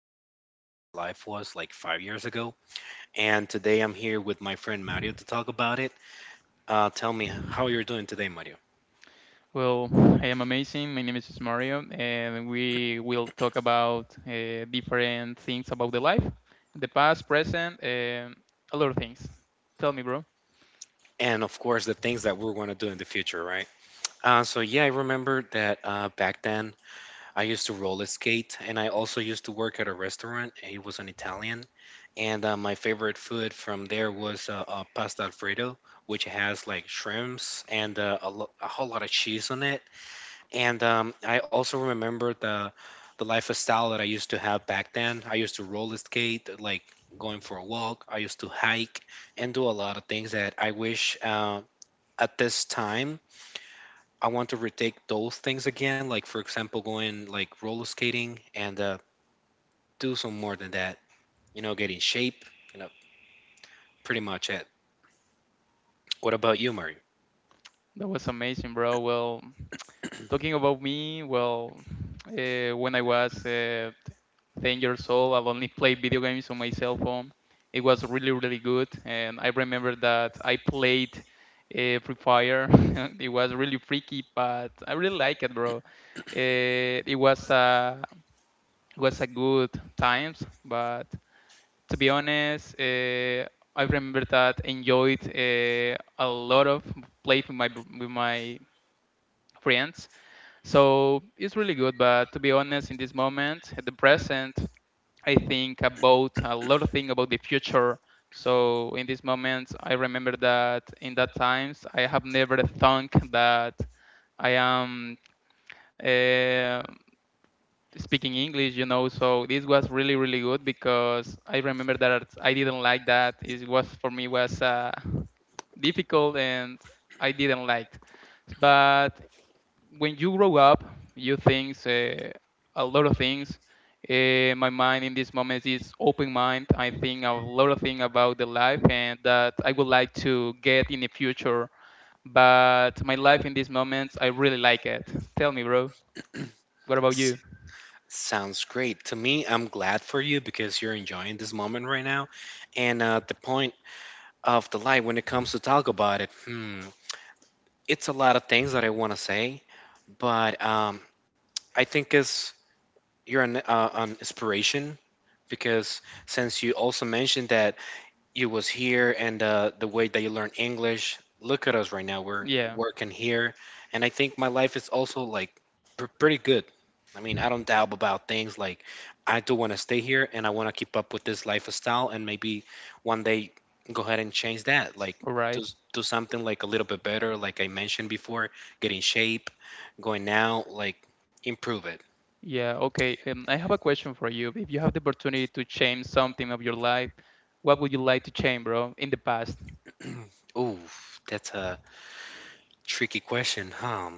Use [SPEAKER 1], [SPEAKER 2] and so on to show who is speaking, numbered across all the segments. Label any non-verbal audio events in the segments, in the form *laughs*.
[SPEAKER 1] about how our life was like 5 years ago. And today I'm here with my friend Mario to talk about it. Tell me how you're doing today, Mario.
[SPEAKER 2] Well, I am amazing. My name is Mario, and we will talk about different things about the life, the past, present, and a lot of things. Tell me, bro.
[SPEAKER 1] And of course, the things that we're going to do in the future, right? Yeah, I remember that back then I used to roller skate, and I also used to work at a restaurant. It was an Italian. And my favorite food from there was pasta Alfredo, which has like shrimps and a, a whole lot of cheese on it. And I also remember the lifestyle that I used to have back then. I used to roller skate, like going for a walk. I used to hike and do a lot of things that I wish at this time I want to retake those things again. Like, for example, going like roller skating and do some more than that. You know, get in shape. You know, pretty much it. What about you, Mario?
[SPEAKER 2] That was amazing, bro. Well,
[SPEAKER 1] *clears throat*
[SPEAKER 2] talking about me, when I was 10 years old, I only played video games on my cell phone. It was really, really good. And I remember that I played Free Fire. *laughs* It was really freaky, but I really like it, bro. It was a it was a good times, but to be honest, I remember that enjoyed a lot of play with with my friends, so it's really good. But to be honest, in this moment, at the present, I think about a lot of things about the future. So in this moment, I remember that in that times, I have never thought that I am uh, speaking English. So this was really, really good because I remember that I didn't like that. It was for me was difficult and I didn't like. But when you grow up, you think a lot of things. My mind in this moment is open mind. I think a lot of things about the life and that I would like to get in the future. But my life in these moments, I really like it. Tell me, bro, what about
[SPEAKER 1] S-
[SPEAKER 2] you?
[SPEAKER 1] Sounds great. To me, I'm glad for you because you're enjoying this moment right now. And the point of the light when it comes to talk about it. Hmm, it's a lot of things that I want to say, but I think it's, you're an inspiration, because since you also mentioned that you was here and the way that you learn English. Look at us right now. We're
[SPEAKER 2] Yeah,
[SPEAKER 1] working here, and I think my life is also like pretty good. I mean, I don't doubt about things. Like, I do want to stay here, and I want to keep up with this lifestyle, and maybe one day go ahead and change that. Like,
[SPEAKER 2] all
[SPEAKER 1] do
[SPEAKER 2] right.
[SPEAKER 1] do something like a little bit better. Like I mentioned before, get in shape, going out, like improve it.
[SPEAKER 2] Yeah, okay. I have a question for you. If you have the opportunity to change something of your life, what would you like to change, bro, in the past?
[SPEAKER 1] *clears throat* Ooh, that's a tricky question, huh?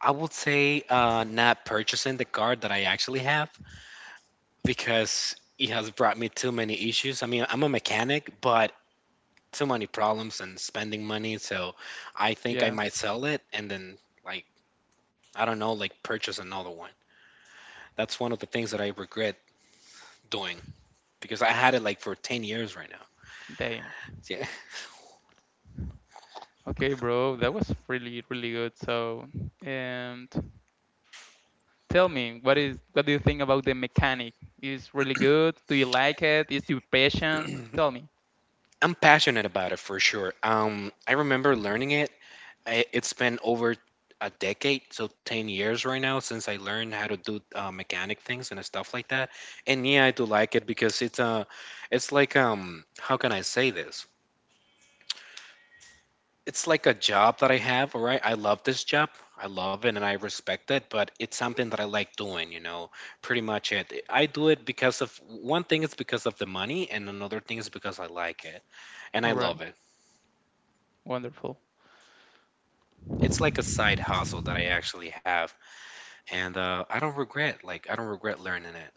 [SPEAKER 1] I would say not purchasing the car that I actually have because it has brought me too many issues. I mean, I'm a mechanic, but too many problems and spending money. So I think I
[SPEAKER 2] Yeah,
[SPEAKER 1] might sell it and then, like, I don't know, like purchase another one. That's one of the things that I regret doing because I had it like for 10 years right now.
[SPEAKER 2] damn.
[SPEAKER 1] So,
[SPEAKER 2] Okay, bro, that was really, really good. So, and tell me, what is what do you think about the mechanic? Is really good? Do you like it? Is you
[SPEAKER 1] yeah. *clears throat*
[SPEAKER 2] patient? Tell me.
[SPEAKER 1] I'm passionate about it for sure. I remember learning it, I, it's been over a decade, so 10 years right now since I learned how to do mechanic things and stuff like that. And yeah, I do like it because it's like, how can I say this? It's like a job that I have, all right? I love this job. I love it and I respect it, but it's something that I like doing, you know. Pretty much it. I do it because of one thing is because of the money and another thing is because I like it and I
[SPEAKER 2] All right,
[SPEAKER 1] love it.
[SPEAKER 2] wonderful.
[SPEAKER 1] It's like a side hustle that I actually have, and I don't regret, like, I don't regret learning it.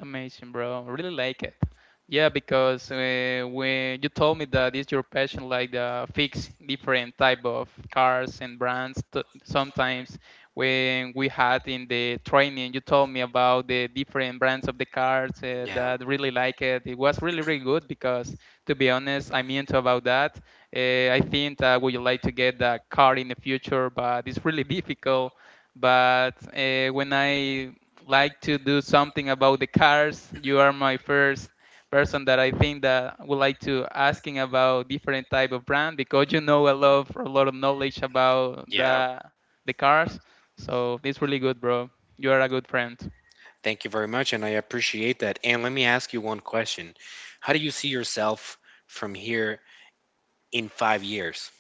[SPEAKER 2] Amazing, bro. Really like it. Yeah, because when you told me that it's your passion, like the fix different type of cars and brands. T sometimes when we had in the training, you told me about the different brands of the cars
[SPEAKER 1] Yeah,
[SPEAKER 2] that really like it. It was really, really good because, to be honest, I'm into about that. I think that would like to get that car in the future, but it's really *laughs* difficult. But when I like to do something about the cars. You are my first person that I think that would like to asking about different type of brand because you know a lot of knowledge about
[SPEAKER 1] yeah.
[SPEAKER 2] the cars. So it's really good, bro. You are a good friend.
[SPEAKER 1] Thank you very much, and I appreciate that. And let me ask you one question: how do you see yourself from here in 5 years?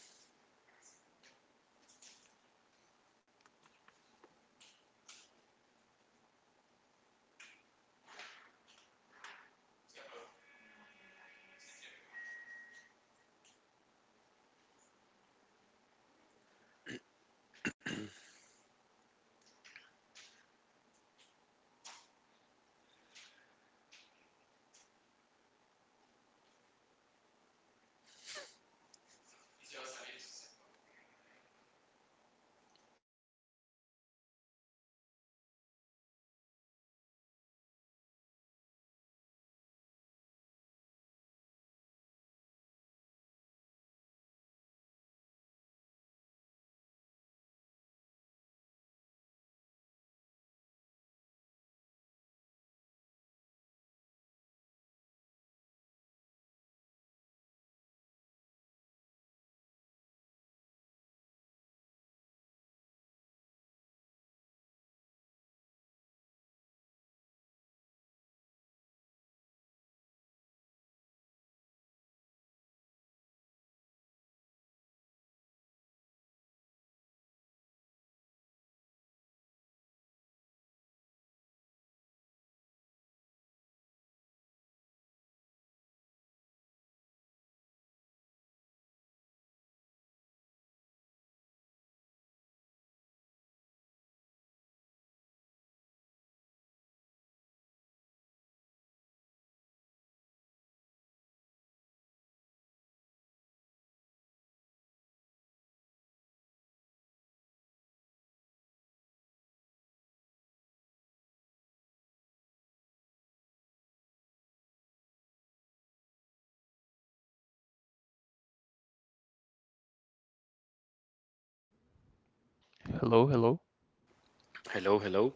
[SPEAKER 1] Hello, hello.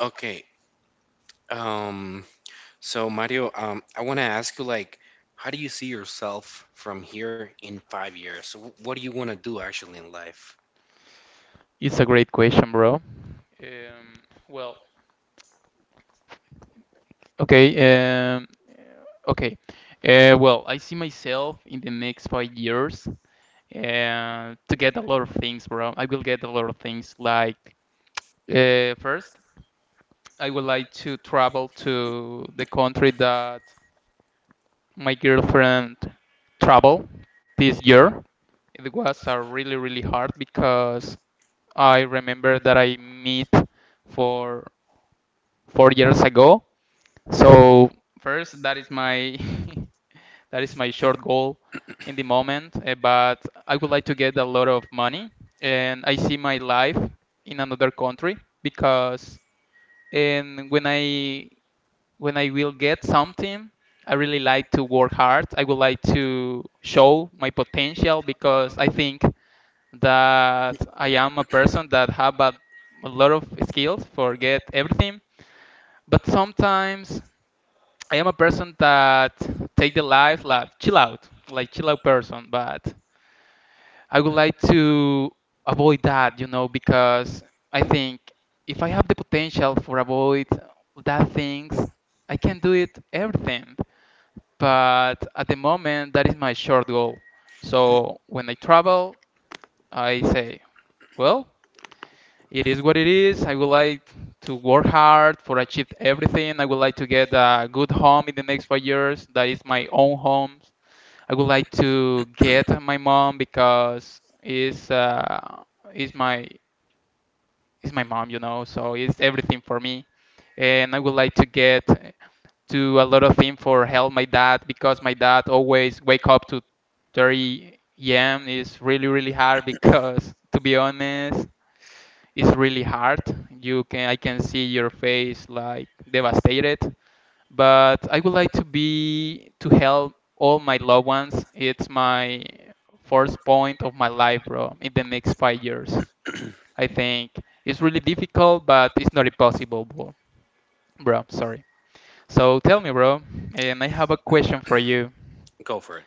[SPEAKER 1] Okay. Um, so Mario, I want to ask you, like, how do you see yourself from here in 5 years? So what do you want to do actually in life? Go for it.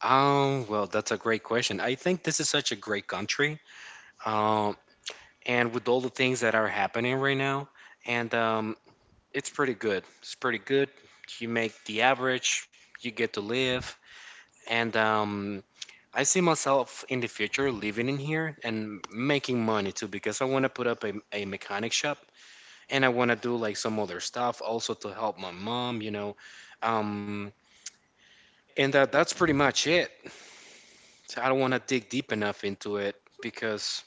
[SPEAKER 1] Well, that's a great question. I think this is such a great country. Um, and with all the things that are happening right now, and it's pretty good, it's pretty good, you make the average, you get to live, and I see myself in the future living in here and making money too, because I want to put up a mechanic shop, and I want to do like some other stuff also to help my mom, you know. um, and that's pretty much it, so I don't want to dig deep enough into it because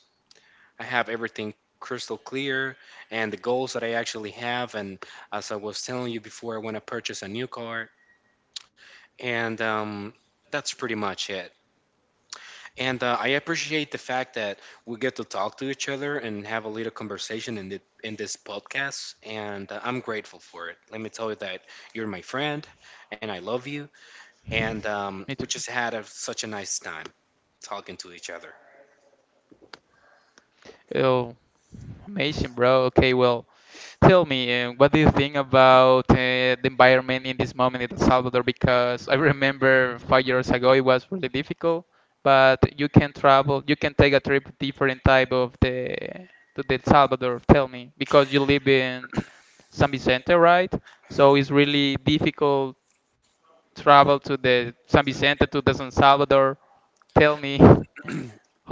[SPEAKER 1] I have everything crystal clear and the goals that I actually have. And as I was telling you before, I want to purchase a new car. And that's pretty much it. And I appreciate the fact that we get to talk to each other and have a little conversation in, the, in this podcast. And I'm grateful for it. Let me tell you that you're my friend and I love you. And we just had a, such a nice time talking to each other.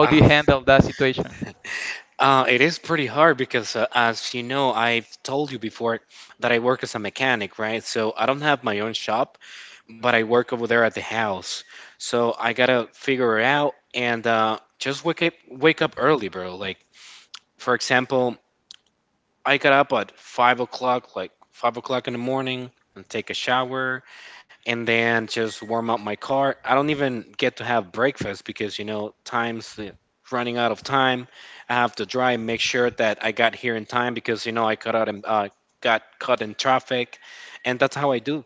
[SPEAKER 1] I It is pretty hard because, as you know, I've told you before that I work as a mechanic, right? So I don't have my own shop, but I work over there at the house. So I gotta figure it out and just wake up early, bro. Like, for example, I got up at 5 o'clock, like 5 o'clock in the morning, and take a shower, and then just warm up my car. I don't even get to have breakfast because, you know, time's running out of time. I have to drive, make sure that I got here in time because, you know, I got out and got caught in traffic, and that's how I do.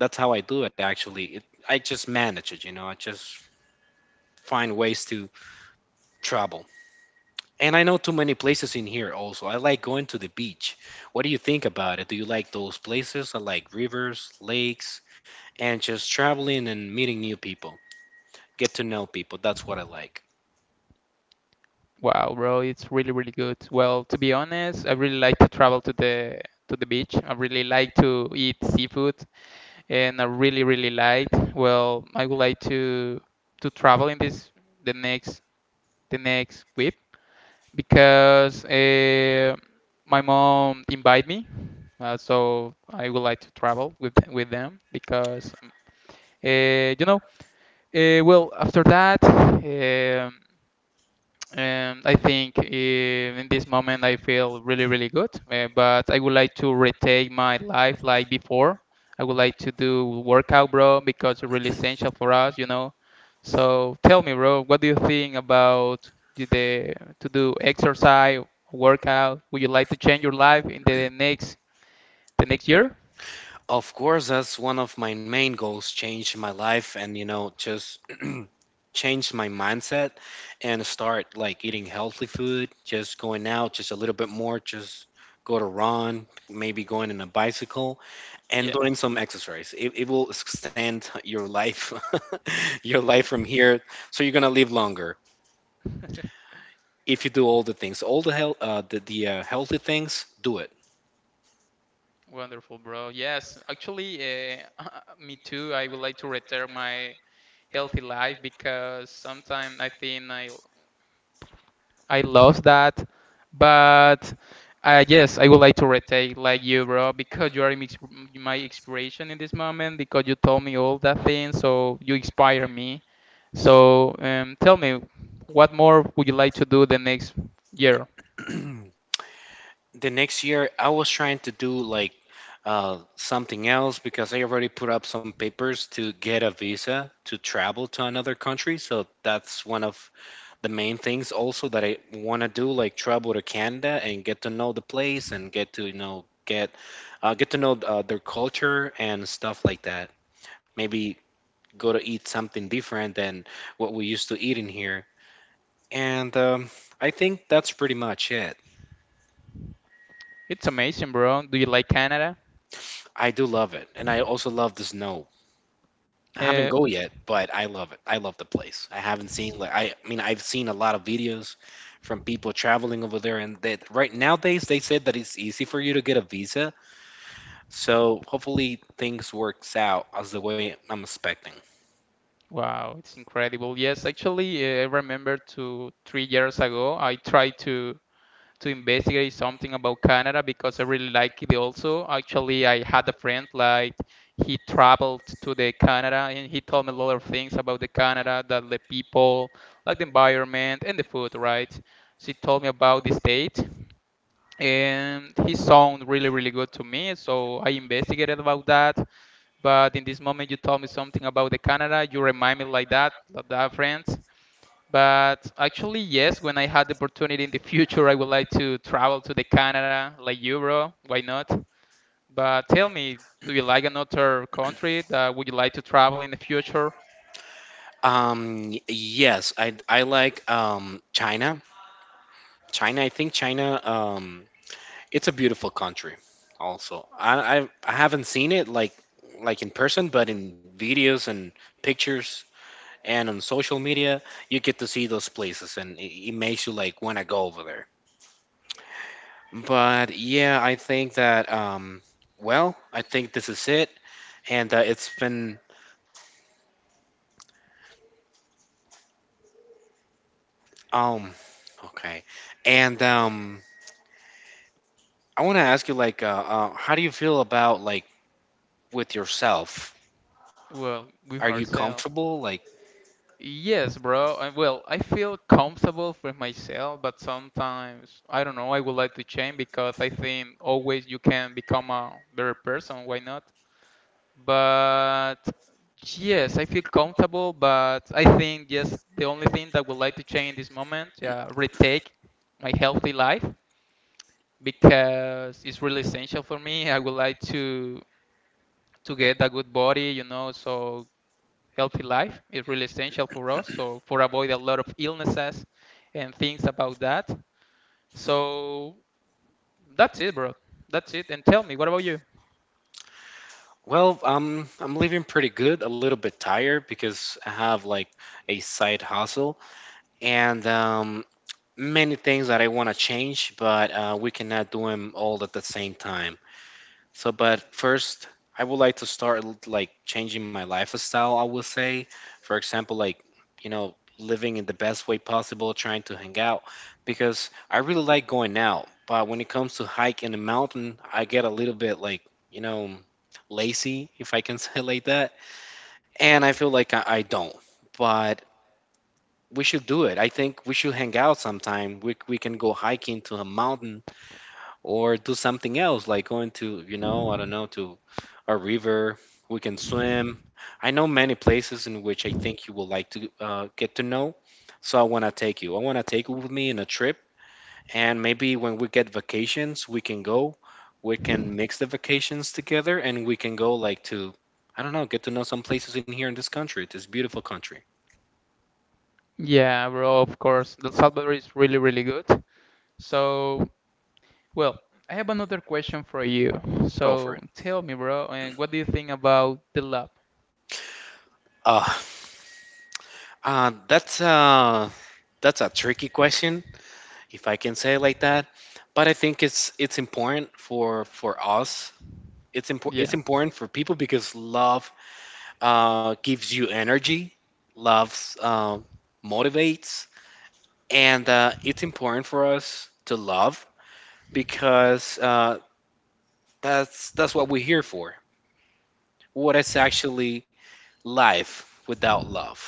[SPEAKER 1] That's how I do it actually. It, I just manage it, you know. I just find ways to travel. And I know too many places in here also. I like going to the beach. What do you think about it? Do you like those places? I like rivers, lakes, and just traveling and meeting new people. Get to know people. That's what I like. Of course, that's one of my main goals, change my life and, you know, just *clears throat* change my mindset and start like eating healthy food, just going out just a little bit more, just go to run, maybe going in a bicycle and doing some exercise. It will extend your life, *laughs* your life from here. So you're gonna live longer if you do all the things, all the health, the healthy things. Do it. *clears throat* the next year I was trying to do like something else because I already put up some papers to get a visa to travel to another country. So that's one of the main things also that I want to do, like travel to Canada and get to know the place and get to, you know, get to know their culture and stuff like that. Maybe go to eat something different than what we used to eat in here. And I think that's pretty much it. I do love it, and I also love the snow. I haven't go yet, but I love it. I love the place. I haven't seen like I mean, I've seen a lot of videos from people traveling over there, and that right nowadays they said that it's easy for you to get a visa. So hopefully things works out as the way I'm expecting. Yes, I like China. China, I think China, it's a beautiful country. Also, I haven't seen it like in person, but in videos and pictures and on social media you get to see those places and it makes you like want to go over there. But yeah, I think that well, I think this is it. And it's been um okay. And I want to ask you, like, how do you feel about, like, with yourself? Are you comfortable? Like, well, I'm living pretty good, a little bit tired because I have like a side hustle, and many things that I want to change, but we cannot do them all at the same time. So, but first, I would like to start like changing my lifestyle, I would say. For example, like, you know, living in the best way possible, trying to hang out, because I really like going out. But when it comes to hike in the mountain, I get a little bit like, you know, lazy, if I can *laughs* say it like that. And I feel like I don't. But we should do it. I think we should hang out sometime. We can go hiking to a mountain or do something else like going to, you know, I don't know, to a river. We can swim. I know many places in which I think you will like to get to know. So I want to take you. I want to take you with me in a trip, and maybe when we get vacations, we can go. We can mix the vacations together and we can go like to, I don't know, get to know some places in here in this country, this beautiful country. Go for it. Uh, uh, that's uh, That's a tricky question, if I can say it like that. But I think it's important for us. It's important for people because love gives you energy, love uh, motivates, and it's important for us to love because that's what we're here for. What is actually life without love?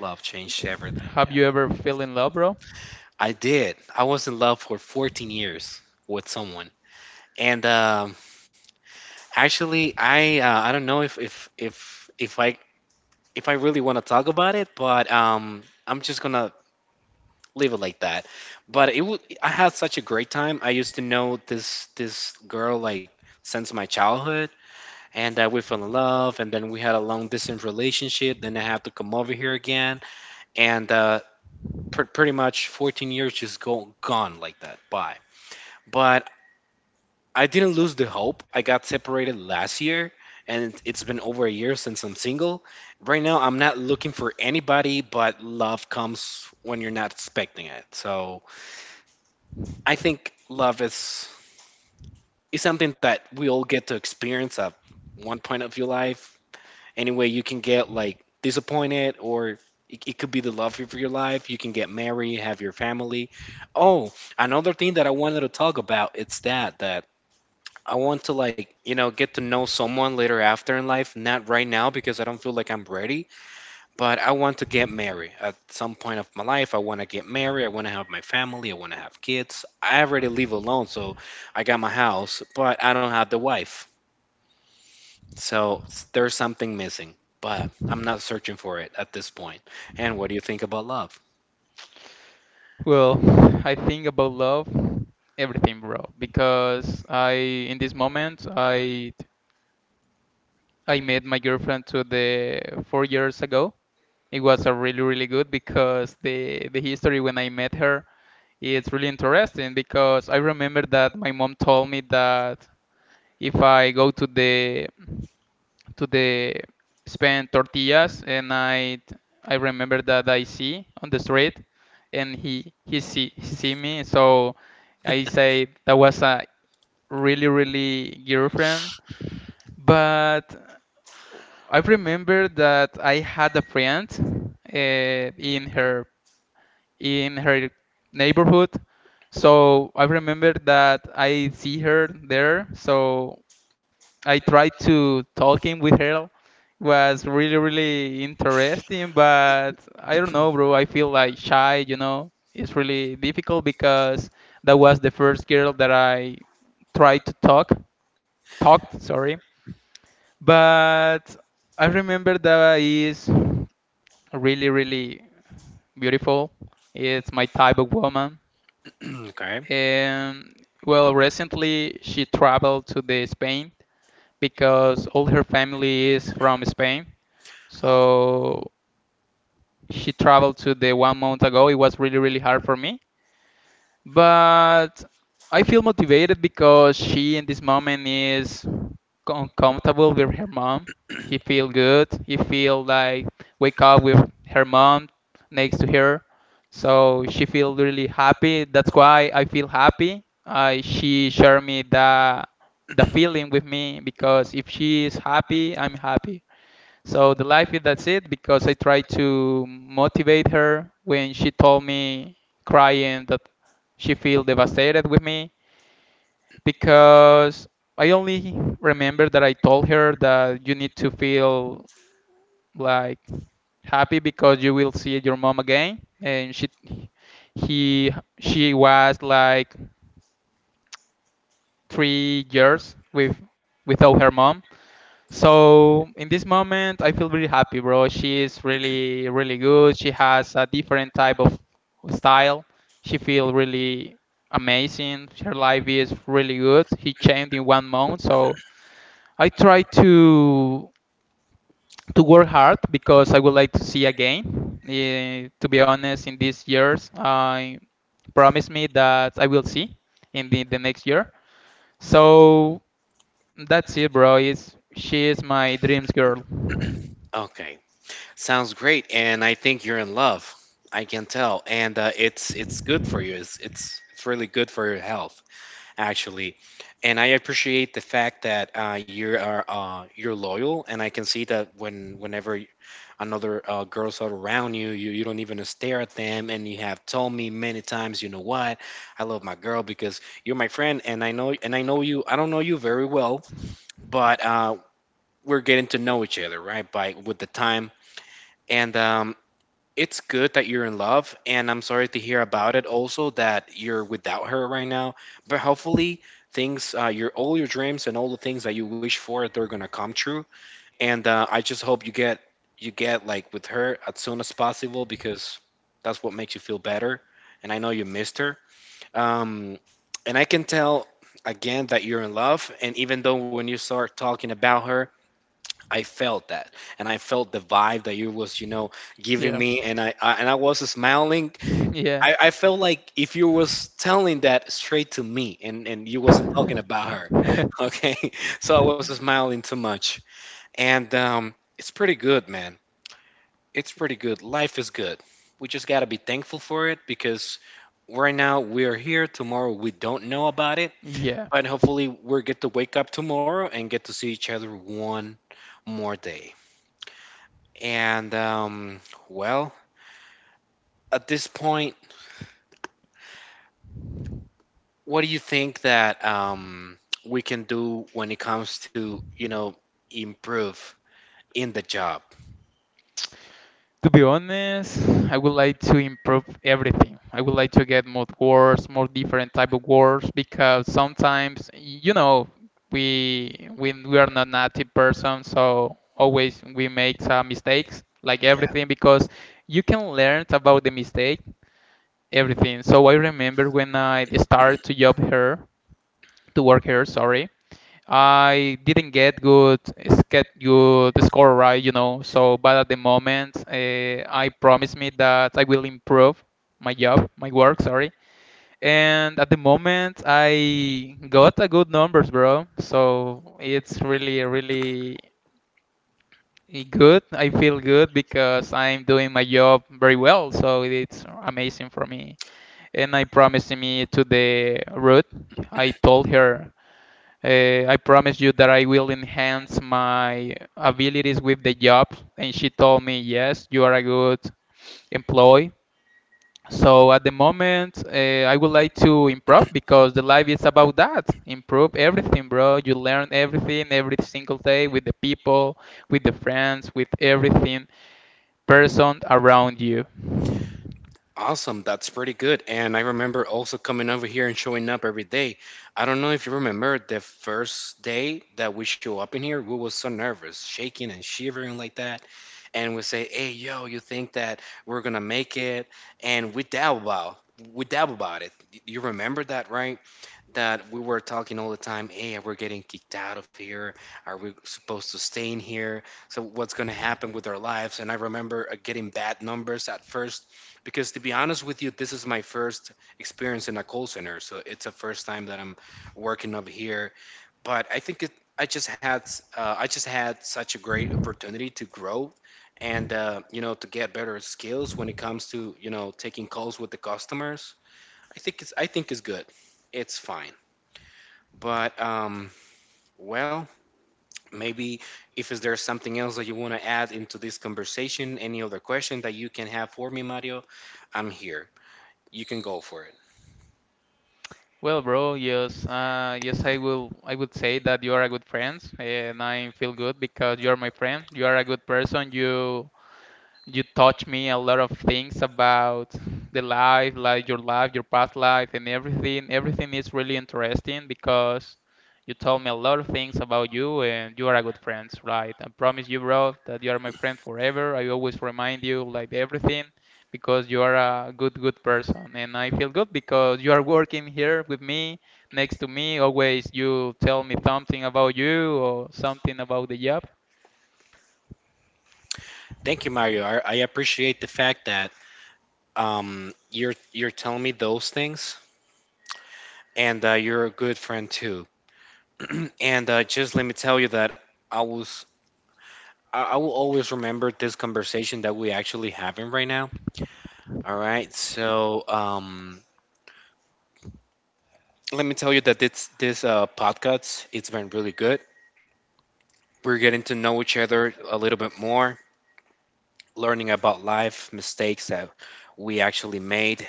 [SPEAKER 1] Love changed everything. I did. I was in love for 14 years with someone, and actually, I don't know if I really want to talk about it, but I'm just gonna leave it like that. But it would I had such a great time. I used to know this girl like since my childhood, and we fell in love, and then we had a long distance relationship. Then I had to come over here again, and pretty much 14 years just go gone like that. Bye. But I didn't lose the hope. I got separated last year, and it's been over a year since I'm single. Right now, I'm not looking for anybody, but love comes when you're not expecting it. So I think love is something that we all get to experience at one point of your life. Anyway, you can get like disappointed, or it could be the love of your life. You can get married, have your family. Oh, another thing that I wanted to talk about it's that I want to like, get to know someone later after in life, not right now because I don't feel like I'm ready, but I want to get married at some point of my life. I want to get married, I want to have my family, I want to have kids. I already live alone, so I got my house, but I don't have the wife. So there's something missing, but I'm not searching for it at this point. And what do you think about love? *clears throat* Okay. Oh. Mhm. Okay. Sounds great, and I think you're in love. I can tell, and it's good for you. It's really good for your health, actually. And I appreciate the fact that you're loyal, and I can see that whenever another girls are around you, you don't even stare at them, and you have told me many times, you know what, I love my girl because you're my friend, and I know you. I don't know you very well, but we're getting to know each other, right? By With the time. And it's good that you're in love, and I'm sorry to hear about it also, that you're without her right now. But hopefully, things your all your dreams and all the things that you wish for, they're gonna come true. And I just hope you get like with her as soon as possible, because that's what makes you feel better, and I know you missed her. Um, and I can tell again that you're in love. And even though, when you start talking about her, I felt that, and I felt the vibe that you was, giving me, and I was smiling. I felt like if you was telling that straight to me, and you wasn't talking about her, *laughs* okay? So I was smiling too much, and it's pretty good, man. It's pretty good. Life is good. We just gotta be thankful for it because right now we are here. Tomorrow we don't know about it, but hopefully we will get to wake up tomorrow and get to see each other one more day. And well, at this point, what do you think that we can do when it comes to, improve in the job? Yeah, awesome. That's pretty good. And I remember also coming over here and showing up every day. I don't know if you remember the first day that we show up in here, we was so nervous, shaking and shivering like that. And we say, "Hey, yo, you think that we're gonna make it?" And we doubt about it. You remember that, right? That we were talking all the time, "Hey, we're getting kicked out of here, are we supposed to stay in here, so what's going to happen with our lives?" And I remember getting bad numbers at first, because to be honest with you, this is my first experience in a call center, so it's the first time that I'm working up here. But I think it I just had I just had such a great opportunity to grow, and you know, to get better skills when it comes to, taking calls with the customers. I think it's good, it's fine. But well, maybe if is there something else that you want to add into this conversation, any other question that you can have for me, Mario? I'm here. You can go for it. Thank you, Mario. I appreciate the fact that you're telling me those things, and you're a good friend too. *clears throat* And just let me tell you that I was I will always remember this conversation that we actually having right now. All right, so let me tell you that this podcast it's been really good. We're getting to know each other a little bit more, learning about life, mistakes that we actually made,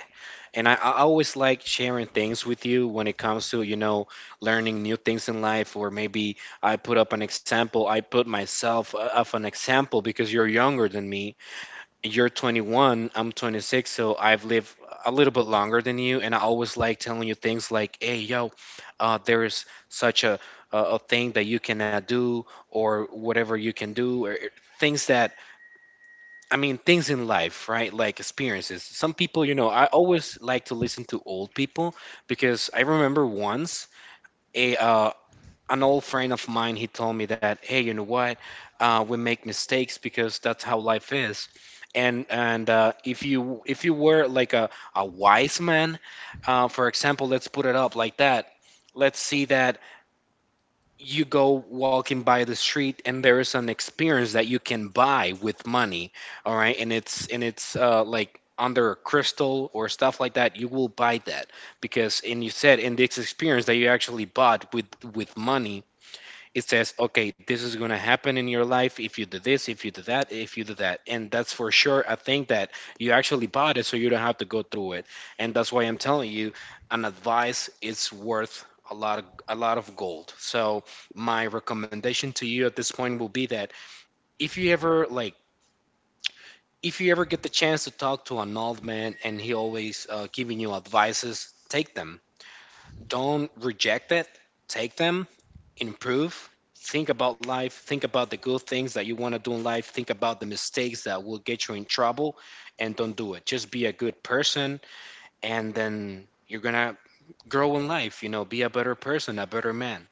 [SPEAKER 1] and I always like sharing things with you when it comes to, learning new things in life. Or maybe I put up an example, I put myself of an example because you're younger than me, you're 21, I'm 26, so I've lived a little bit longer than you, and I always like telling you things like, "Hey, yo, there is such a thing that you cannot do, or whatever you can do, or things that I mean, things in life, right? Like experiences." Some people, I always like to listen to old people, because I remember once a an old friend of mine, he told me that, "Hey, you know what, we make mistakes because that's how life is. And if you were like a wise man, for example, let's put it up like that. Let's see that you go walking by the street and there is an experience that you can buy with money, all right, and it's like under a crystal or stuff like that, you will buy that because, and you said, in this experience that you actually bought with money, it says, okay, this is going to happen in your life if you do this, if you do that, if you do that." And that's for sure. I think that you actually bought it so you don't have to go through it. And that's why I'm telling you, an advice is worth a lot of gold. So my recommendation to you at this point will be that if you ever like if you ever get the chance to talk to an old man and he always giving you advices, take them. Don't reject it. Take them, improve, think about life, think about the good things that you want to do in life, think about the mistakes that will get you in trouble, and don't do it. Just be a good person, and then you're gonna grow in life, be a better person, a better man.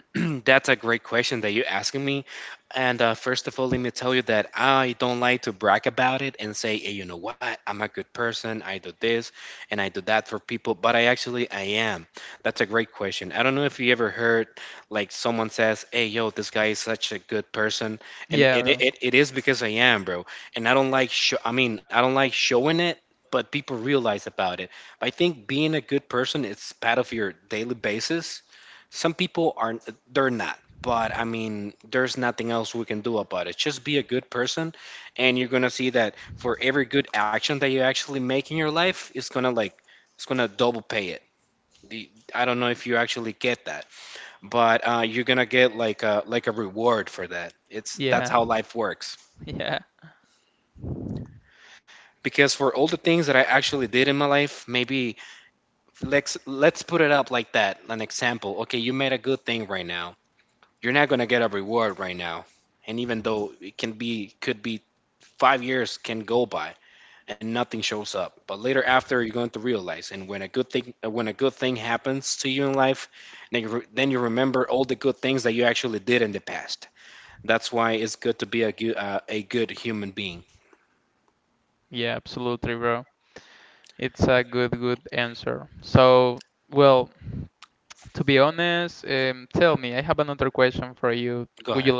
[SPEAKER 1] *clears throat* That's a great question that you're asking me. And first of all, let me tell you that I don't like to brag about it and say, "Hey, you know what, I'm a good person. I do this and I do that for people, but I actually I am." That's a great question. I don't know if you ever heard like someone says, "Hey, yo, this guy is such a good person, and it is because I am, bro." And I don't like show. I mean, I don't like showing it. But people realize about it. I think being a good person is part of your daily basis. Some people aren't, they're not. But I mean, there's nothing else we can do about it. Just be a good person, and you're gonna see that for every good action that you actually make in your life, it's gonna like, it's gonna double pay it. I don't know if you actually get that, but you're gonna get like a reward for that. It's that's how life works. Because for all the things that I actually did in my life, maybe let's put it up like that. An example. Okay, you made a good thing right now, you're not going to get a reward right now. And even though could be 5 years can go by and nothing shows up. But later after, you're going to realize. And when a good thing happens to you in life, then then you remember all the good things that you actually did in the past. That's why it's good to be a good human being. Go ahead.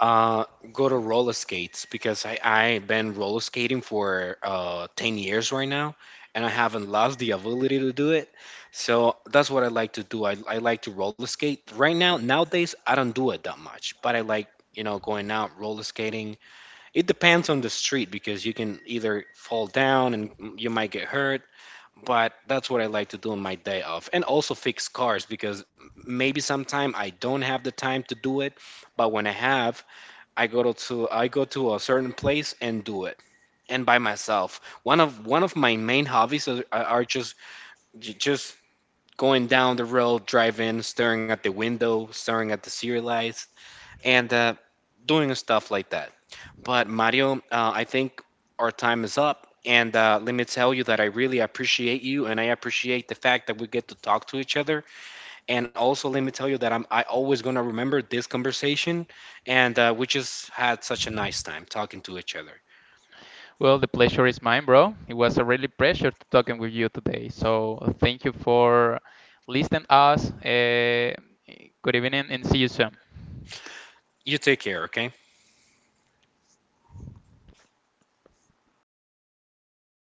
[SPEAKER 1] Uh, Go to roller skates because I been roller skating for 10 years right now, and I haven't lost the ability to do it. So that's what I like to do. I like to roller skate. Right now nowadays I don't do it that much, but I like, going out roller skating. It depends on the street because you can either fall down and you might get hurt, but that's what I like to do on my day off. And also fix cars, because maybe sometime I don't have the time to do it, but when I have, I go to a certain place and do it, and by myself. One of my main hobbies are just just going down the road, driving, staring at the window, staring at the city lights, and doing stuff like that. But Mario, I think our time is up. And let me tell you that I really appreciate you, and I appreciate the fact that we get to talk to each other. And also, let me tell you that I always gonna remember this conversation, and we just had such a nice time talking to each other. You take care, okay?